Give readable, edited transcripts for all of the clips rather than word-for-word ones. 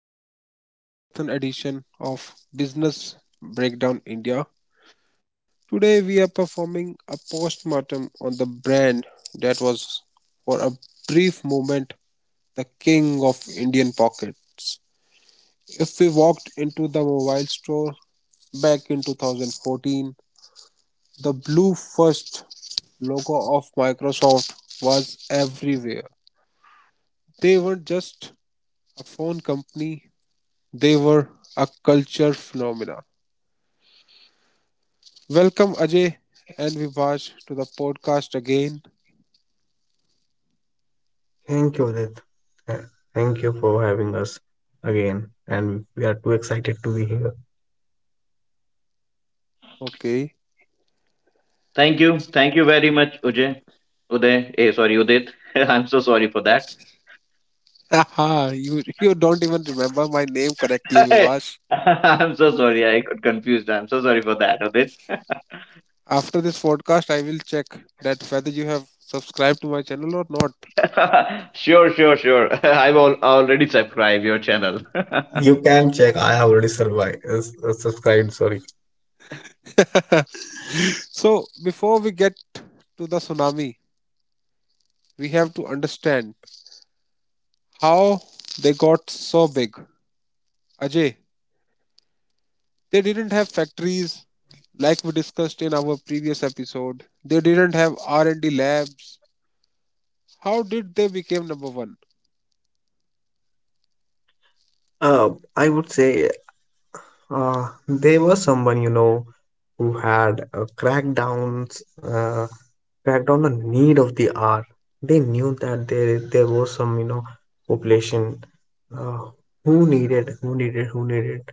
special marathon edition of Business Breakdown India. Today we are performing a postmortem on the brand that was for a brief moment the king of Indian pockets. If we walked into the mobile store back in 2014, the blue first logo of Microsoft was everywhere. They were just a phone company. They were a culture phenomena. Welcome, Ajay and Vibhash, to the podcast again. Thank you, Adit. Uh, Thank you for having us again, and we are too excited to be here. Okay. Thank you. Thank you very much, Ujay. Uday. Eh, sorry, Udit. I'm so sorry for that. Haha, you don't even remember my name correctly, Vibhash. I'm so sorry. I got confused. I'm so sorry for that, Udit. After this podcast, I will check that whether you have subscribed to my channel or not. Sure, sure, sure. Already subscribed your channel. You can check. I have already survived, subscribed. Sorry. So, before we get to the tsunami, we have to understand how they got so big. Ajay, they didn't have factories like we discussed in our previous episode. They didn't have R&D labs. How did they become number 1? Uh, I would say there was someone, you know, who had uh, cracked down the need of the hour. They knew that there was some, you know, population, uh, who needed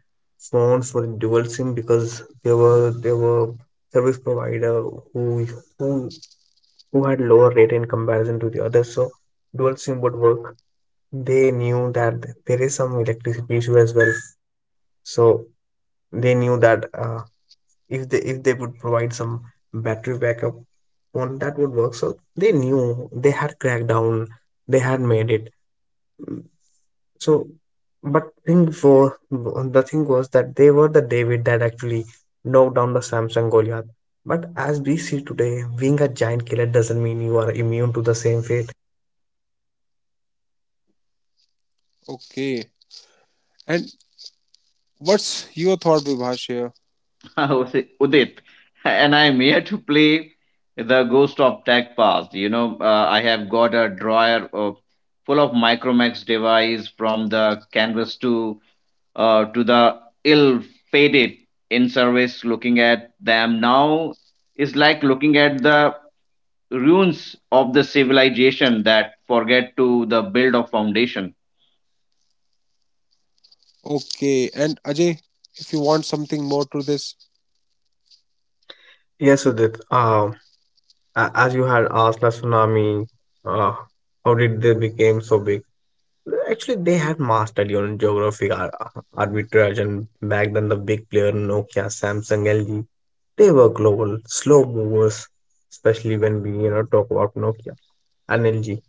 phones for dual SIM, because there were service provider who who who had lower rate in comparison to the others. So dual SIM would work. They knew that there is some electricity issue as well. So they knew that. If they would provide some battery backup, one that would work, so they knew they had cracked down, they had made it. Mm, so but thing was that they were the David that actually knocked down the Samsung Goliath. But as we see today, being a giant killer doesn't mean you are immune to the same fate. Okay. And what's your thought, Vibhash, here? Udit, and I'm here to play the Ghost of Tech past. I have got full of Micromax device from the Canvas to the ill fated in service. Looking at them now is like looking at the ruins of the civilization that forget to the build of foundation. Okay. And Ajay, if you want something more to this. Yes, Udit, as you had asked the tsunami, uh, how did they became so big? Actually, they had mastered, you know, geographic arbitrage, and back then the big player Nokia, Samsung, LG, they were global, slow movers. Especially when we, you know, talk about Nokia and LG,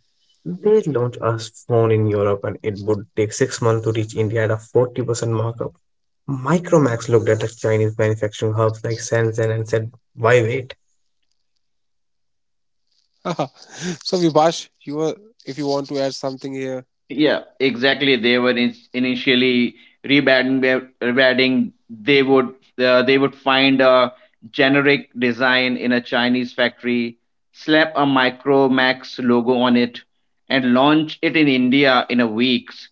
they launched a phone in Europe, and it would take 6 months to reach India at a 40% markup. Micromax looked at the Chinese manufacturing hubs like Shenzhen and said, "Why wait?" So Vibhash, you are, if you want to add something here. Yeah, exactly, they were initially rebadging. They would they would find a generic design in a Chinese factory, slap a MicroMax logo on it, and launch it in India in a weeks,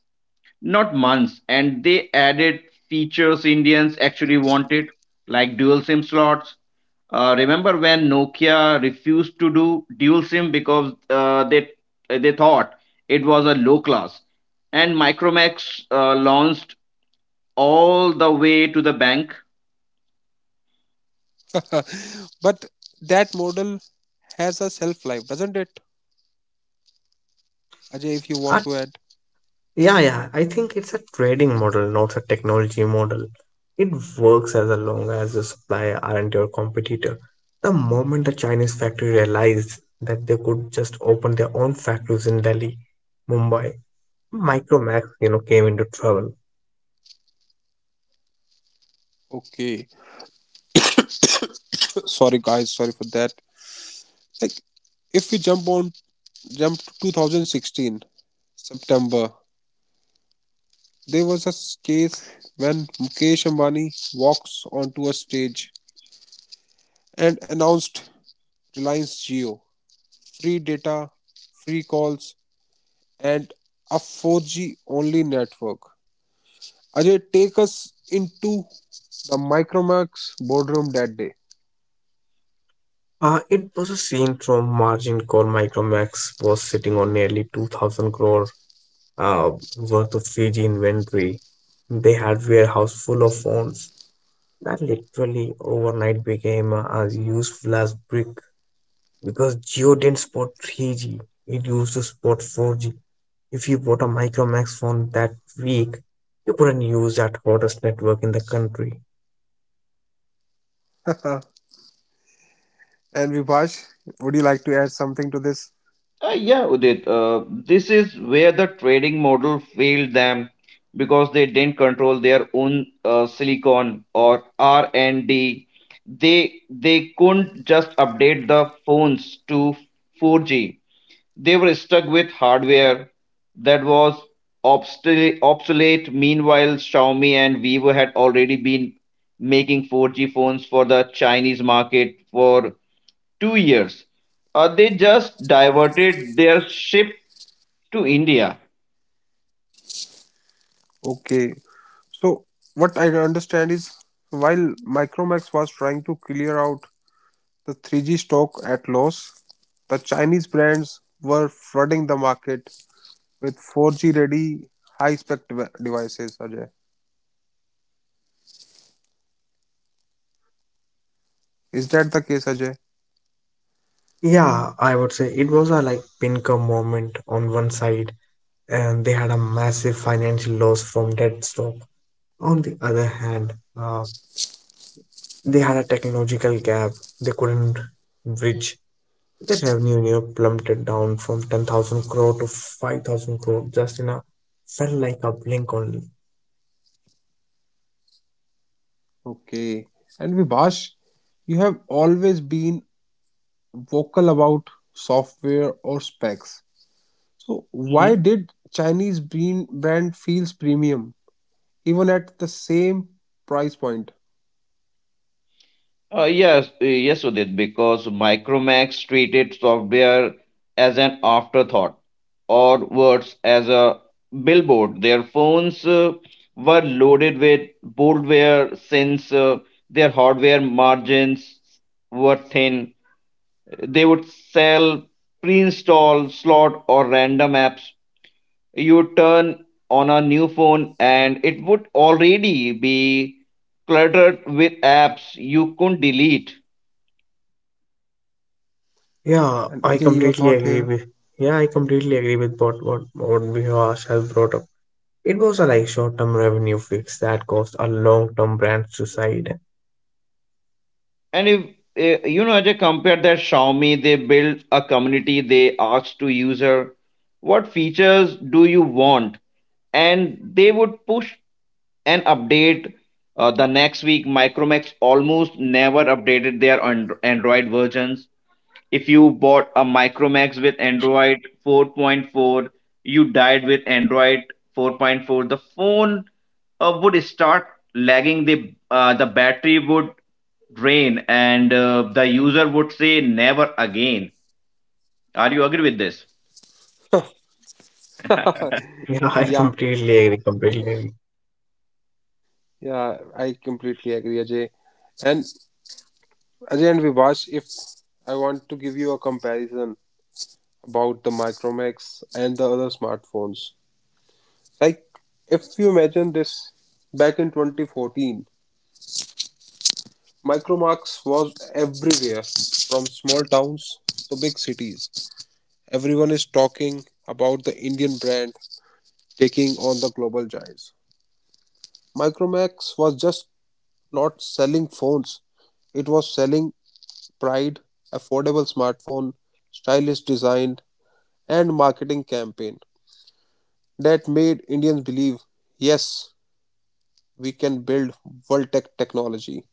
not months. And they added features Indians actually wanted, like dual SIM slots. Remember when Nokia refused to do dual SIM because they thought it was a low class, and Micromax launched all the way to the bank. But that model has a shelf life, doesn't it? Ajay, if you want Our to add. Yeah, yeah. I think it's a trading model, not a technology model. It works as long as the supplier aren't your competitor. The moment a Chinese factory realized that they could just open their own factories in Delhi, Mumbai, Micromax, you know, came into trouble. Okay. Sorry guys, sorry for that. Like if we jump to 2016 September. There was a case when Mukesh Ambani walks onto a stage and announced Reliance Jio, free data, free calls, and a 4G only network. Ajay, take us into the Micromax boardroom that day. It was a scene from Margin Call. Micromax was sitting on nearly 2,000 crore, uh, worth of Fiji inventory. They had warehouse full of phones that literally overnight became, as useful as brick, because Jio didn't support 3G, it used to support 4G. If you bought a Micromax phone that week, you couldn't use that hottest network in the country. And Vibhash, would you like to add something to this? Yeah, Udit, this is where the trading model failed them because they didn't control their own silicon or R&D. They couldn't just update the phones to 4G. They were stuck with hardware that was obsolete. Meanwhile, Xiaomi and Vivo had already been making 4G phones for the Chinese market for 2 years. They just diverted their ship to India. Okay, so what I understand is while Micromax was trying to clear out the 3G stock at loss, the Chinese brands were flooding the market with 4G ready high spec devices, Ajay. Is that the case, Ajay? Yeah, I would say it was a like pinker moment on one side, and they had a massive financial loss from dead stock. On the other hand, uh, they had a technological gap they couldn't bridge. The revenue in Europe plummeted down from 10,000 crore to 5,000 crore, just in a felt like a blink only. Okay. And Vibhash, you have always been vocal about software or specs. So Mhm. why did Chinese brand feels premium even at the same price point? Yes, Udit, because Micromax treated software as an afterthought, or worse, as a billboard. Their phones were loaded with boldware since their hardware margins were thin. They would sell pre installed slot or random apps. You turn on a new phone and it would already be cluttered with apps you couldn't delete. Yeah, And I Ajay, your completely thought agree here? with yeah, I completely agree with what Vikas has brought up. It was a like short-term revenue fix that caused a long-term brand suicide. And if eh, you know, Ajay, compare that Xiaomi, they build a community, they ask to user, what features do you want? And they would push an update the next week. Micromax almost never updated Android versions. If you bought a Micromax with Android 4.4, you died with Android 4.4. The phone would start lagging. The battery would drain, and the user would say never again. Are you agree with this? Yeah, I completely agree, completely agree. Yeah, yeah, I completely agree, Ajay. And Ajay and Vibash, if I want to give you a comparison about the Micromax and the other smartphones, like if you imagine this back in 2014, Micromax was everywhere from small towns to big cities. Everyone is talking about the Indian brand taking on the global giants. Micromax was just not selling phones, it was selling pride, affordable smartphone, stylish design, and marketing campaign that made Indians believe, yes, we can build world tech technology.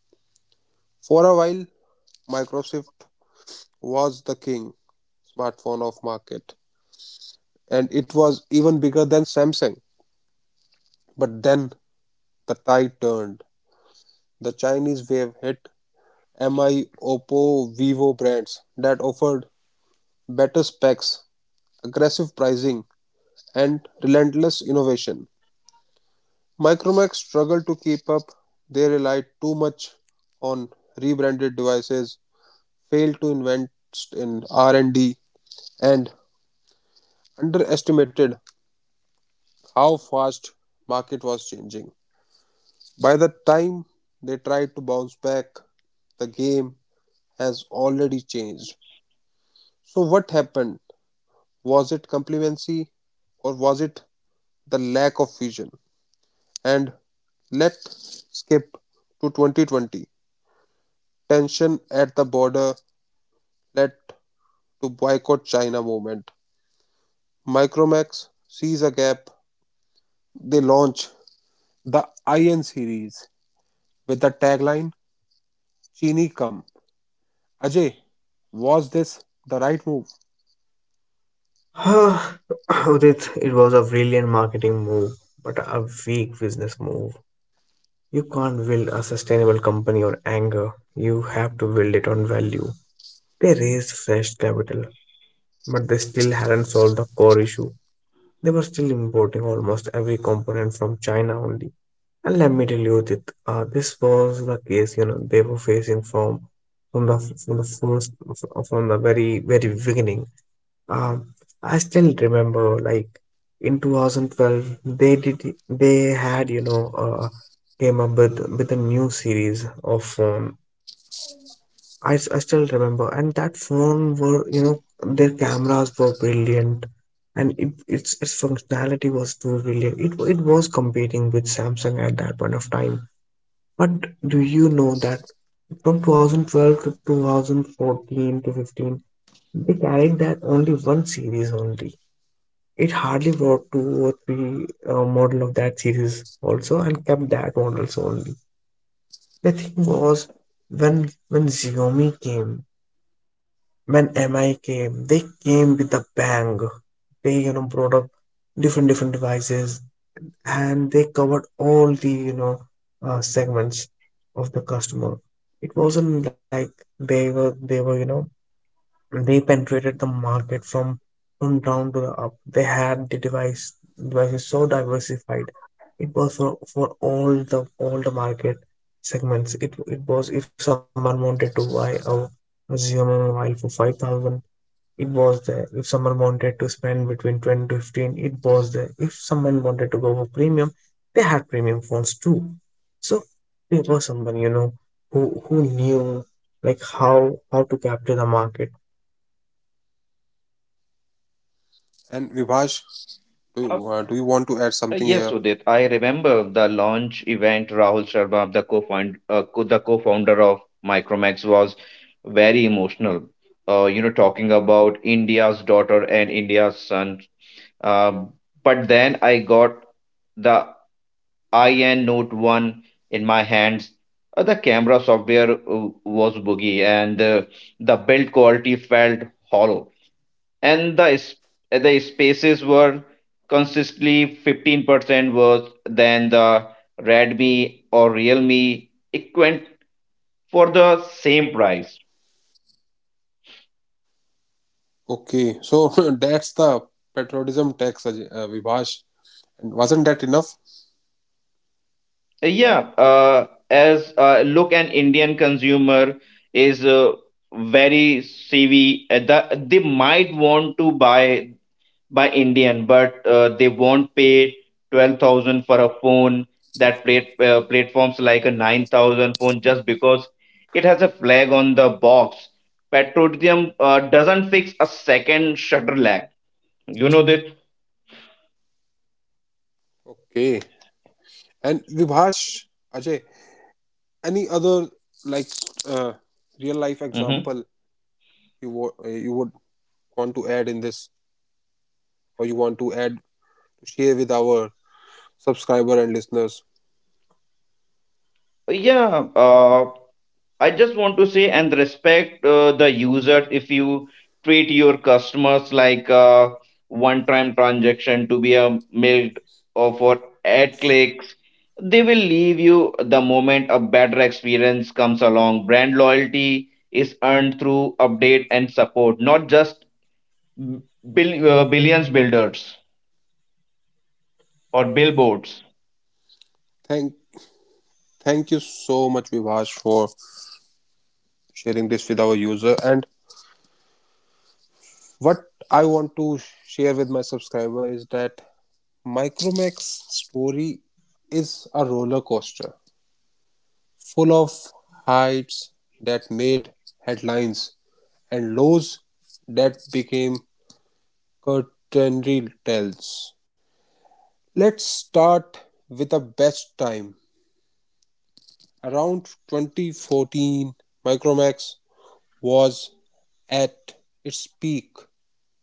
For a while, Microsoft was the king smartphone of market and it was even bigger than Samsung. But then the tide turned. The Chinese wave hit MI, Oppo, Vivo brands that offered better specs, aggressive pricing, and relentless innovation. Micromax struggled to keep up; they relied too much on rebranded devices, failed to invest in R&D, and underestimated how fast market was changing. By the time they tried to bounce back, the game has already changed. So what happened? Was it complacency or was it the lack of vision? And let's skip to 2020. Tension at the border led to boycott China movement. Micromax sees a gap. They launch the IN series with the tagline Chini Come. Ajay, was this the right move? Ah, Udit, it was a brilliant marketing move, but a weak business move. You can't build a sustainable company on anger. You have to build it on value. They raised fresh capital, but they still hadn't solved the core issue. They were still importing almost every component from China only. And let me tell you that, this was the case, you know, they were facing from the from the first from the very beginning. Um, I still remember, like, in 2012, they had, you know, came up with a new series of phone. I still remember. And that phone were, you know, their cameras were brilliant, and it, its functionality was too brilliant. It was competing with Samsung at that point of time. But do you know that from 2012 to 2014 to 15, they carried that only one series only. It hardly brought two or three model of that series also, and kept that models only. The thing was, when when Xiaomi came. When MI came, they came with a bang. They, you know, brought up different different devices, and they covered all the, you know, segments of the customer. It wasn't like they were, you know, they penetrated the market from down to the up. They had the devices so diversified. It was for all the market segments. It was, if someone wanted to buy a Xiaomi mobile for 5,000, it was there. If someone wanted to spend between 10 to 15, it was there. If someone wanted to go for premium, they had premium phones too. So there was someone, you know, who knew, like, how to capture the market. And Vibhash, do Uh, you, uh, do you want to add something Yes, here? Udit. I remember the launch event. Rahul Sharma, the co-founder of Micromax, was very emotional. Talking about India's daughter and India's son. Um, but then I got the IN Note 1 in my hands. The camera software was boogie, and the build quality felt hollow. And the spaces were consistently 15% worse than the Redmi or Realme equivalent for the same price. Okay, so that's the patriotism tax, Ajay, Vibhash. And wasn't that enough? Yeah, as Look, an Indian consumer is very savvy. They might want to buy Indian, but they won't pay 12,000 for a phone that platforms like a 9,000 phone just because it has a flag on the box. Petroleum doesn't fix a second shutter lag. You know that? Okay. And Vibhash, Ajay, any other, like, uh, real life hmm example you would want to add in this or you want to add to share with our subscriber and listeners. Yeah, I just want to say and respect the user. If you treat your customers like a one-time transaction to be a milked or for ad clicks, they will leave you the moment a better experience comes along. Brand loyalty is earned through update and support, not just billions builders or billboards. Thank thank you so much, Vivash, for sharing this with our user. And what I want to share with my subscriber is that Micromax story is a roller coaster full of heights that made headlines and lows that became curtain tales. Let's start with the best time. Around 2014, Micromax was at its peak.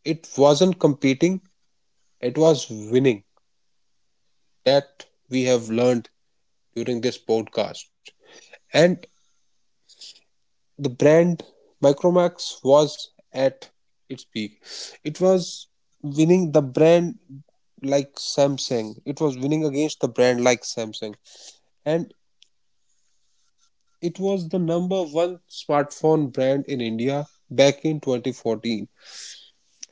It wasn't competing, it was winning. That we have learned during this podcast. And the brand Micromax was at its peak. It was winning the brand like Samsung. It was winning against the brand like Samsung. And it was the number one smartphone brand in India back in 2014.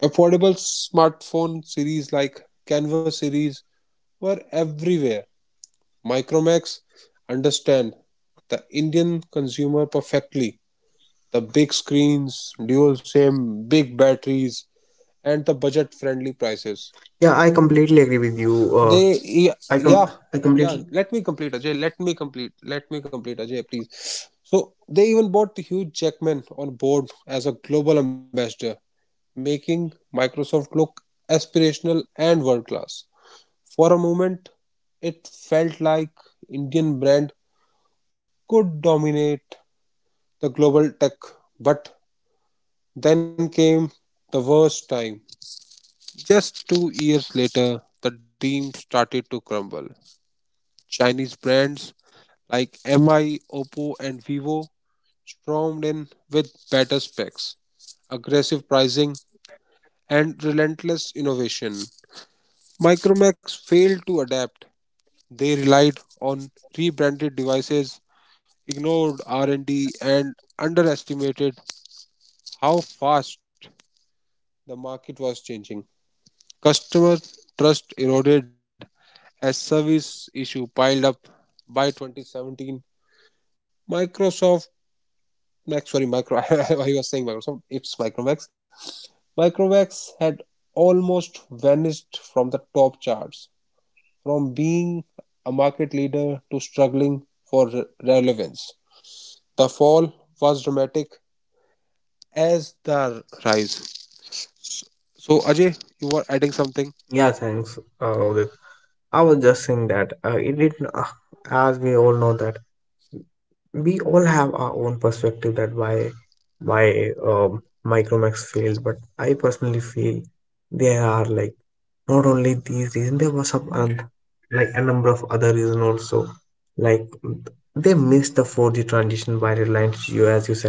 Affordable smartphone series like Canva series were everywhere. Micromax understand the Indian consumer perfectly. The big screens, dual SIM, big batteries, and the budget friendly Yeah, I prices. completely agree with you. Uh, They, I com yeah, I yeah, completely yeah. Let me complete, Ajay. Let me complete. Let me complete, Ajay, please. So they even brought Hugh Jackman on board as a global ambassador, making Microsoft look aspirational and world class. For a moment, it felt like Indian brand could dominate the global tech, but then came the worst time. Just 2 years later, the dream started to crumble. Chinese brands like MI, Oppo, and Vivo stormed in with better specs, aggressive pricing, and relentless innovation. Micromax failed to adapt. They relied on rebranded devices, ignored R&D, and D, and underestimated how fast the market was changing. Customer trust eroded as service issues piled up by 2017. Microsoft Mac, sorry, Micro. I was saying Microsoft. It's Micromax. Micromax had almost vanished from the top charts, from being a market leader to struggling for relevance. The fall was dramatic as the rise. So, Ajay, you were adding yeah, something? thanks, Udit. I was just saying that, it did. As we all know that, we all have our own perspective that why Micromax failed. But I personally feel, there are, like, not only these reasons, there was some like a number of other reasons also. Like, they missed the 4G transition by Reliance Jio, as you said,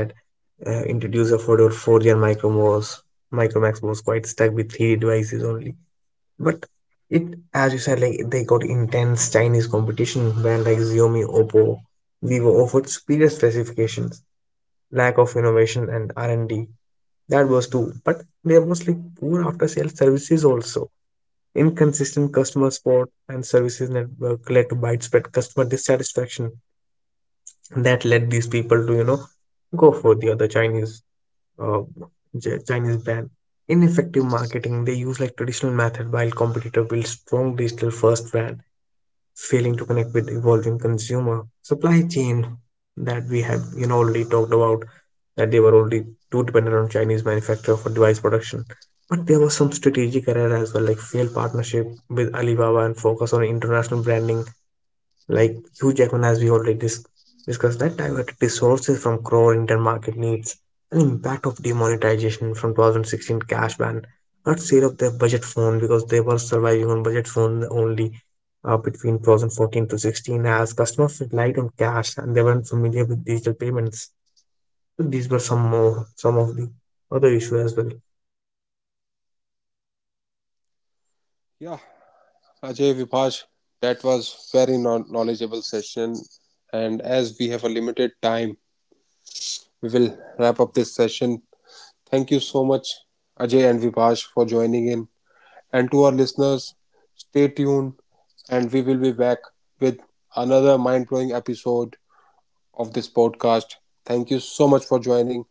introduced a 4G, and Micromax was quite stuck with three devices only. But, it, as you said, like they got intense Chinese competition when like Xiaomi, Oppo, Vivo offered superior specifications, lack of innovation and R&D. That was too. But there was, like, poor after sales services also. Inconsistent customer support and services network led to widespread customer dissatisfaction that led these people to, you know, go for the other uh, Chinese brand. In effective marketing, they use like traditional method while competitor build strong digital first brand, failing to connect with evolving consumer supply chain that we have, you know, already talked about, that they were already too dependent on Chinese manufacturer for device production. But there was some strategic error as well, like failed partnership with Alibaba and focus on international branding like Hugh Jackman, as we already discussed, that diverted resources from core Indian market needs. An impact of demonetization from 2016 cash ban, not sale of their budget phone because they were surviving on budget phone only, between 2014 to 16, as customers relied on cash and they weren't familiar with digital payments. So these were some more, some of the other issue as well. Yeah, Ajay Vibhash, that was very knowledgeable session, and as we have a limited time, we will wrap up this session. Thank you so much, Ajay and Vipash, for joining in. And to our listeners, stay tuned and we will be back with another mind blowing episode of this podcast. Thank you so much for joining.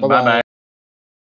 Bye bye. bye. Bye, Udit. Thank you.